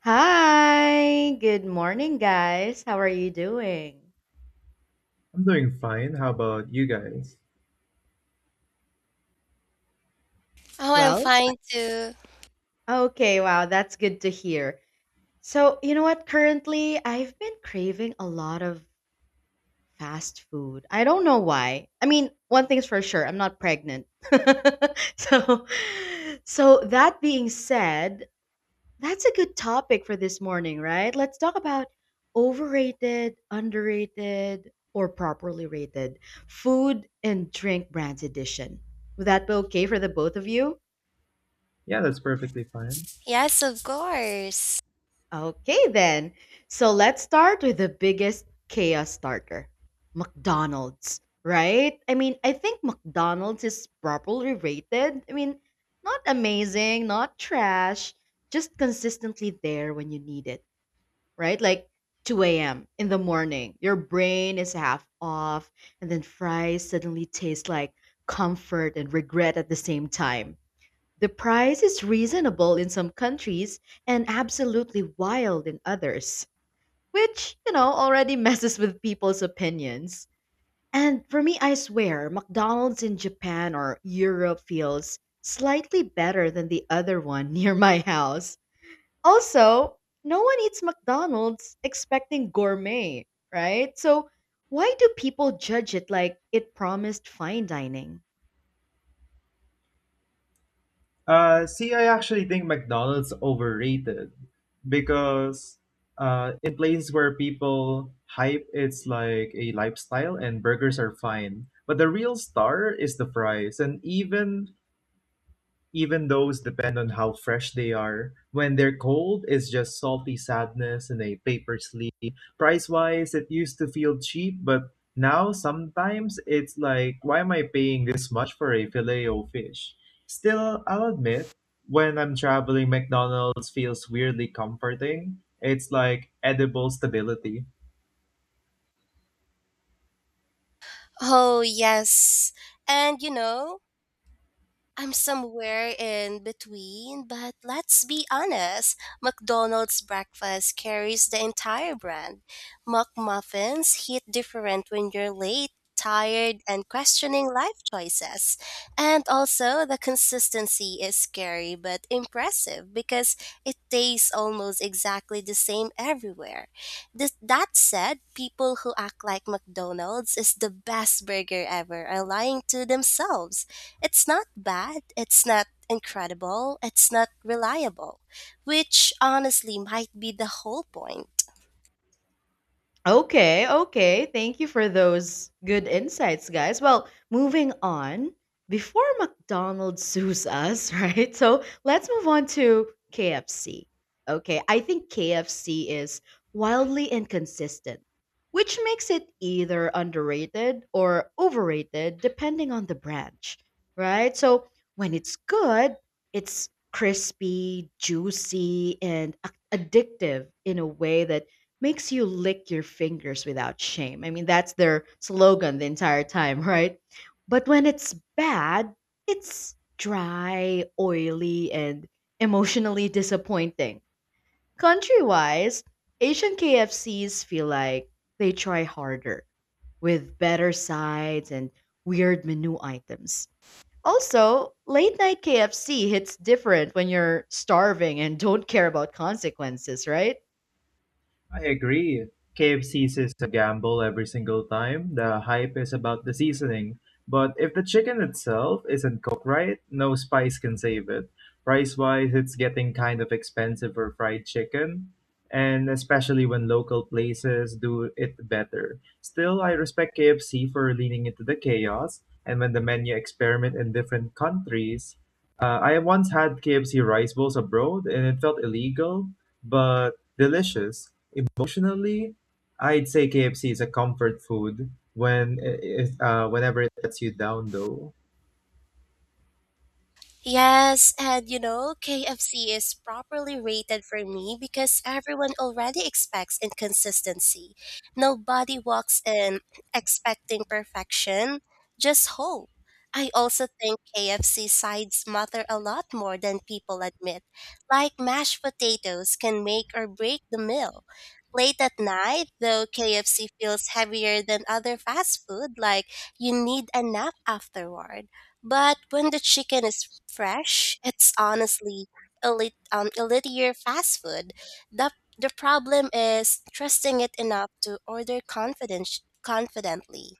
Hi, good morning, guys. How are you doing? I'm doing fine. How about you guys? Oh, I'm Well, fine too. okay, wow, that's good to hear. So, you know what? Currently, I've been craving a lot of fast food. I don't know why. I mean, one thing's for sure, I'm not pregnant. so, so that being said, that's a good topic for this morning, right? Let's talk about overrated, underrated, or properly rated food and drink brands edition. Would that be okay for the both of you? Yeah, that's perfectly fine. Yes, of course. Okay, then. So let's start with the biggest chaos starter McDonald's, right? I mean, I think McDonald's is properly rated. I mean, not amazing, not trash, just consistently there when you need it, right? Like 2 a.m. in the morning, your brain is half off, and then fries suddenly taste like comfort and regret at the same time. The price is reasonable in some countries and absolutely wild in others, which, already messes with people's opinions. And for me, I swear, McDonald's in Japan or Europe feels slightly better than the other one near my house. Also, no one eats McDonald's expecting gourmet, right? So, why do people judge it like it promised fine dining? See, I actually think McDonald's overrated because in places where people hype it's like a lifestyle and burgers are fine. But the real star is the fries. And even Even those depend on how fresh they are. When they're cold, it's just salty sadness in a paper sleeve. Price wise, it used to feel cheap, but now sometimes it's like, why am I paying this much for a filet o fish? Still, I'll admit, when I'm traveling, McDonald's feels weirdly comforting. It's like edible stability. Oh, yes. And you know, I'm somewhere in between, but let's be honest. McDonald's breakfast carries the entire brand. McMuffins hit different when you're late, tired, and questioning life choices. And also, the consistency is scary but impressive because it tastes almost exactly the same everywhere. This, that said, people who act like McDonald's is the best burger ever are lying to themselves. It's not bad, it's not incredible, it's not reliable, which honestly might be the whole point. Okay, okay. Thank you for those good insights, guys. Well, moving on, before McDonald's sues us, right? So let's move on to KFC. Okay, I think KFC is wildly inconsistent, which makes it either underrated or overrated depending on the branch, right? So when it's good, it's crispy, juicy, and addictive in a way that makes you lick your fingers without shame. I mean, that's their slogan the entire time, right? But when it's bad, it's dry, oily, and emotionally disappointing. Country wise, Asian KFCs feel like they try harder with better sides and weird menu items. Also, late night KFC hits different when you're starving and don't care about consequences, right? I agree. KFC is a gamble every single time. The hype is about the seasoning. But if the chicken itself isn't cooked right, no spice can save it. Price wise, it's getting kind of expensive for fried chicken, and especially when local places do it better. Still, I respect KFC for leaning into the chaos, and when the menu experiment in different countries. I once had KFC rice bowls abroad, and it felt illegal, but delicious. Emotionally, I'd say KFC is a comfort food whenever it lets you down though. Yes, and you know, KFC is properly rated for me because everyone already expects inconsistency. Nobody walks in expecting perfection, just hope. I also think KFC sides matter a lot more than people admit, like mashed potatoes can make or break the meal. Late at night, though, KFC feels heavier than other fast food, like you need a nap afterward. But when the chicken is fresh, it's honestly elite, elitier fast food. The, the problem is trusting it enough to order confidently.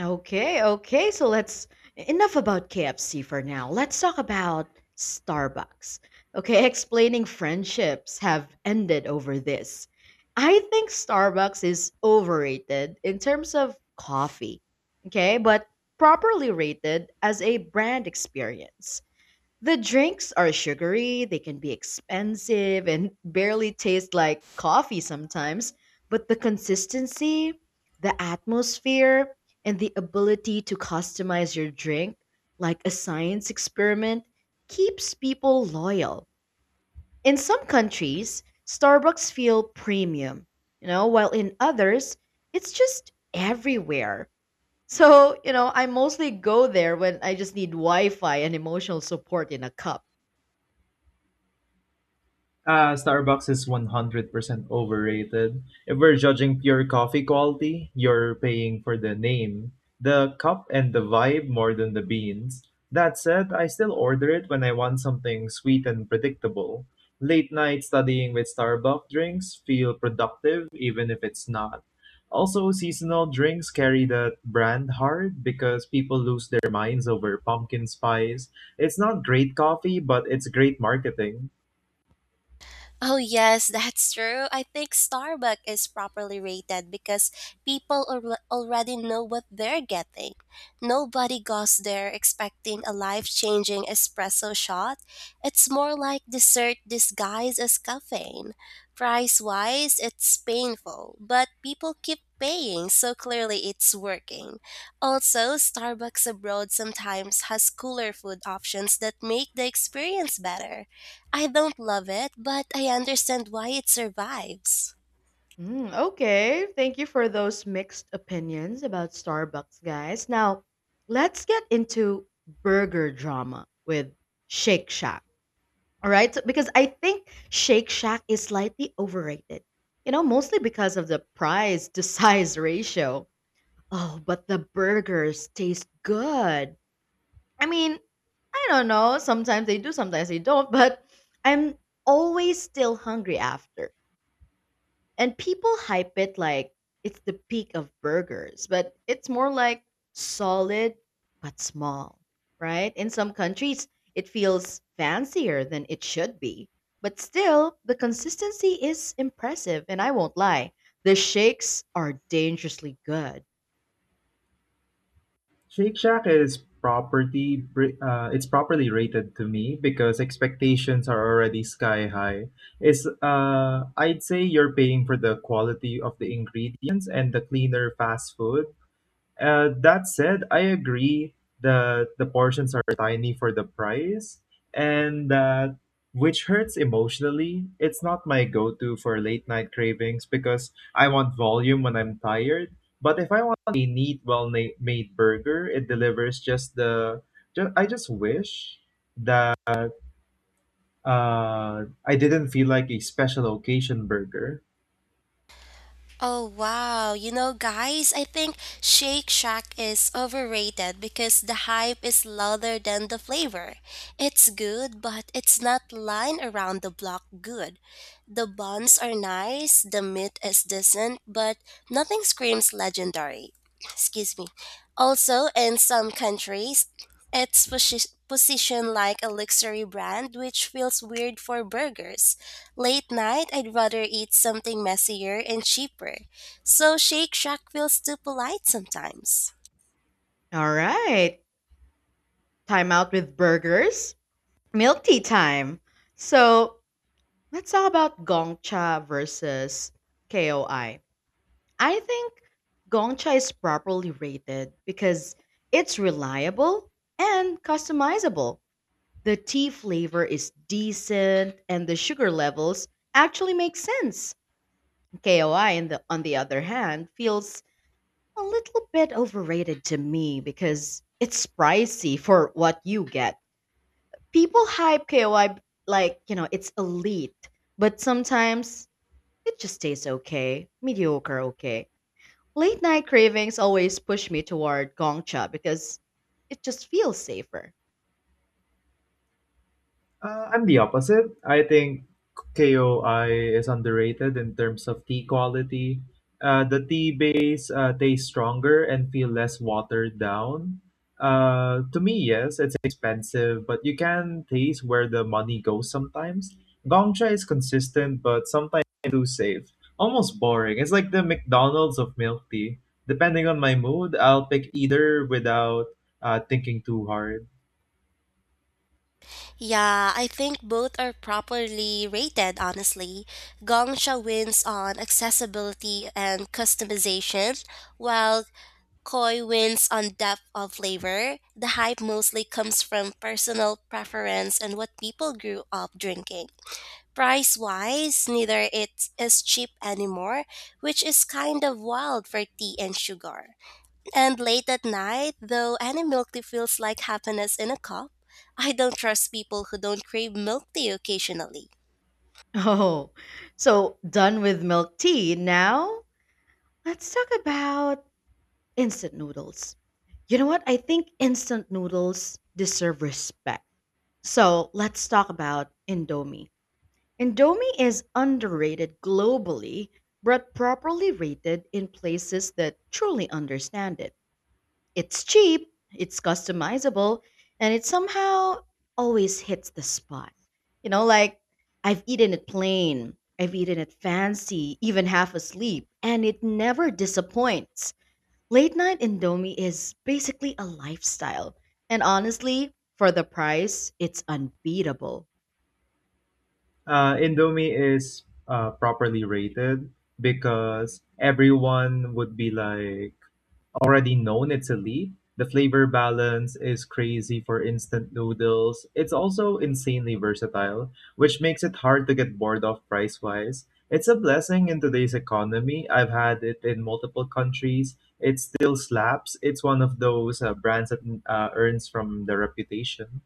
Okay, okay. So let's enough about KFC for now. Let's talk about Starbucks. Okay, explaining friendships have ended over this. I think Starbucks is overrated in terms of coffee. Okay, but properly rated as a brand experience. The drinks are sugary, they can be expensive, and barely taste like coffee sometimes. But the consistency, the atmosphere, and the ability to customize your drink like a science experiment keeps people loyal. In some countries, Starbucks feel premium, while in others, it's just everywhere. So, I mostly go there when I just need Wi Fi and emotional support in a cup. Starbucks is 100% overrated. If we're judging pure coffee quality, you're paying for the name, the cup, and the vibe more than the beans. That said, I still order it when I want something sweet and predictable. Late night studying with Starbucks drinks feel productive even if it's not. Also, seasonal drinks carry that brand hard because people lose their minds over pumpkin spice. It's not great coffee, but it's great marketing. Oh, yes, that's true. I think Starbucks is properly rated because people already know what they're getting. Nobody goes there expecting a life changing espresso shot. It's more like dessert disguised as caffeine. Price wise, it's painful, but people keep paying, so clearly it's working. Also, Starbucks abroad sometimes has cooler food options that make the experience better. I don't love it, but I understand why it survives. Mm, okay, thank you for those mixed opinions about Starbucks, guys. Now, let's get into burger drama with Shake Shack. All right, so, because I think Shake Shack is slightly overrated, mostly because of the price to size ratio. Oh, but the burgers taste good. I mean, I don't know. Sometimes they do, sometimes they don't, but I'm always still hungry after. And people hype it like it's the peak of burgers, but it's more like solid but small, right? In some countries, it feels fancier than it should be. But still, the consistency is impressive, and I won't lie, the shakes are dangerously good. Shake Shack is property br- it's properly rated to me because expectations are already sky high. It's I'd say you're paying for the quality of the ingredients and the cleaner fast food. That said, I agree that the portions are tiny for the price, and that which hurts emotionally. It's not my go to for late night cravings because I want volume when I'm tired. But if I want a neat, well na- made burger, it delivers just the. I just wish that I didn't feel like a special occasion burger. Oh wow, you know guys, I think Shake Shack is overrated because the hype is louder than the flavor. It's good, but it's not line around the block good. The buns are nice, the meat is decent, but nothing screams legendary. Excuse me. Also, in some countries, it's positioned like a luxury brand, which feels weird for burgers. Late night, I'd rather eat something messier and cheaper, so Shake Shack feels too polite sometimes. All right, time out with burgers, milk tea time. So let's talk about Gongcha versus KOI. I think Gongcha is properly rated because it's reliable and customizable. The tea flavor is decent and the sugar levels actually make sense. KOI on the other hand feels a little bit overrated to me because it's pricey for what you get. People hype KOI like, it's elite, but sometimes it just tastes okay, mediocre okay. Late night cravings always push me toward Gongcha because it just feels safer. I'm the opposite. I think KOI is underrated in terms of tea quality. The tea base tastes stronger and feel less watered down. To me, yes, it's expensive, but you can taste where the money goes sometimes. Gongcha is consistent, but sometimes too safe. Almost boring. It's like the McDonald's of milk tea. Depending on my mood, I'll pick either without thinking too hard. Yeah, I think both are properly rated, honestly. Gongsha wins on accessibility and customization, while Koi wins on depth of flavor. The hype mostly comes from personal preference and what people grew up drinking. Price wise, neither it's cheap anymore, which is kind of wild for tea and sugar. And late at night, though, any milk tea feels like happiness in a cup. I don't trust people who don't crave milk tea occasionally. Oh, so done with milk tea. Now let's talk about instant noodles. You know what? I think instant noodles deserve respect. So let's talk about Indomie. Indomie is underrated globally, but properly rated in places that truly understand it. It's cheap, it's customizable, and it somehow always hits the spot. Like I've eaten it plain, I've eaten it fancy, even half asleep, and it never disappoints. Late night Indomie is basically a lifestyle. And honestly, for the price, it's unbeatable. Indomie is properly rated because everyone would be like already known it's elite. The flavor balance is crazy for instant noodles. It's also insanely versatile, which makes it hard to get bored of price wise. It's a blessing in today's economy. I've had it in multiple countries. It still slaps. It's one of those brands that earns from the reputation.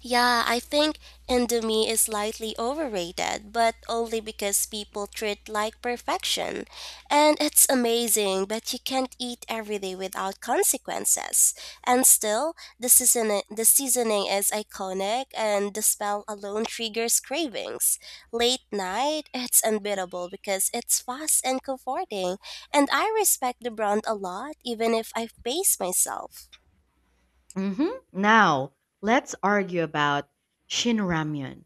Yeah, I think Indomie is slightly overrated, but only because people treat like perfection. And it's amazing, but you can't eat every day without consequences. And still, the seasoning is iconic and the smell alone triggers cravings. Late night, it's unbeatable because it's fast and comforting, and I respect the brand a lot even if I pace myself. Hmm. Now, let's argue about Shin Ramyun.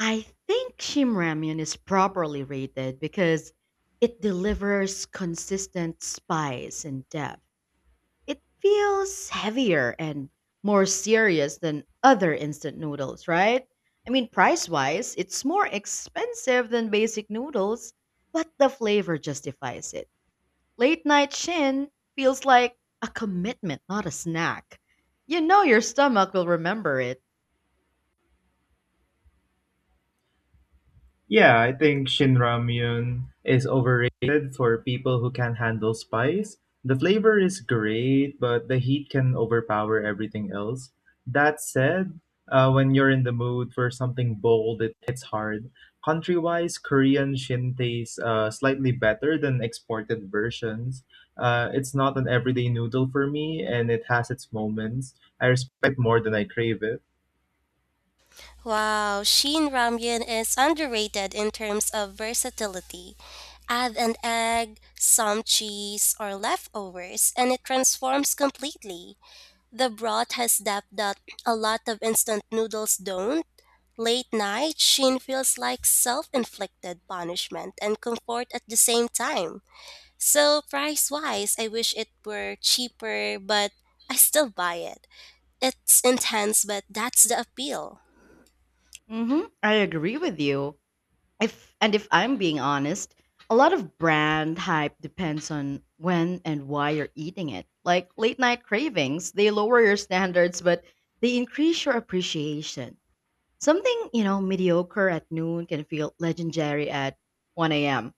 I think Shin Ramyun is properly rated because it delivers consistent spice and depth. It feels heavier and more serious than other instant noodles, right? I mean, price wise, it's more expensive than basic noodles, but the flavor justifies it. Late night Shin feels like a commitment, not a snack. You know your stomach will remember it. Yeah, I think Shin Ramyun is overrated for people who can handle spice. The flavor is great, but the heat can overpower everything else. That said, when you're in the mood for something bold, it hits hard. Country-wise, Korean Shin tastes slightly better than exported versions. It's not an everyday noodle for me, and it has its moments. I respect more than I crave it. Wow, Shin Ramyun is underrated in terms of versatility. Add an egg, some cheese, or leftovers, and it transforms completely. The broth has depth that a lot of instant noodles don't. Late night, Shin feels like self inflicted punishment and comfort at the same time. So, price wise, I wish it were cheaper, but I still buy it. It's intense, but that's the appeal. Hmm. I agree with you, if and if I'm being honest, a lot of brand hype depends on when and why you're eating it. Like late night cravings, they lower your standards but they increase your appreciation. Something, mediocre at noon can feel legendary at 1 a.m.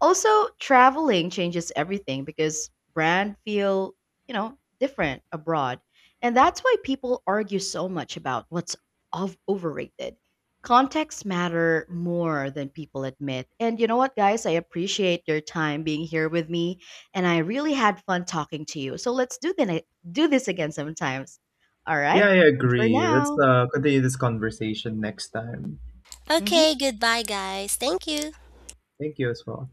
Also, traveling changes everything because brand feel, different abroad. And that's why people argue so much about what's of overrated. Contexts matter more than people admit. And you know what, guys? I appreciate your time being here with me, and I really had fun talking to you. So let's do this again sometimes. All right. Yeah, I Bye for agree. Let's now. Continue this conversation next time. Mhm. Okay, goodbye, guys. Thank you. Thank you as well.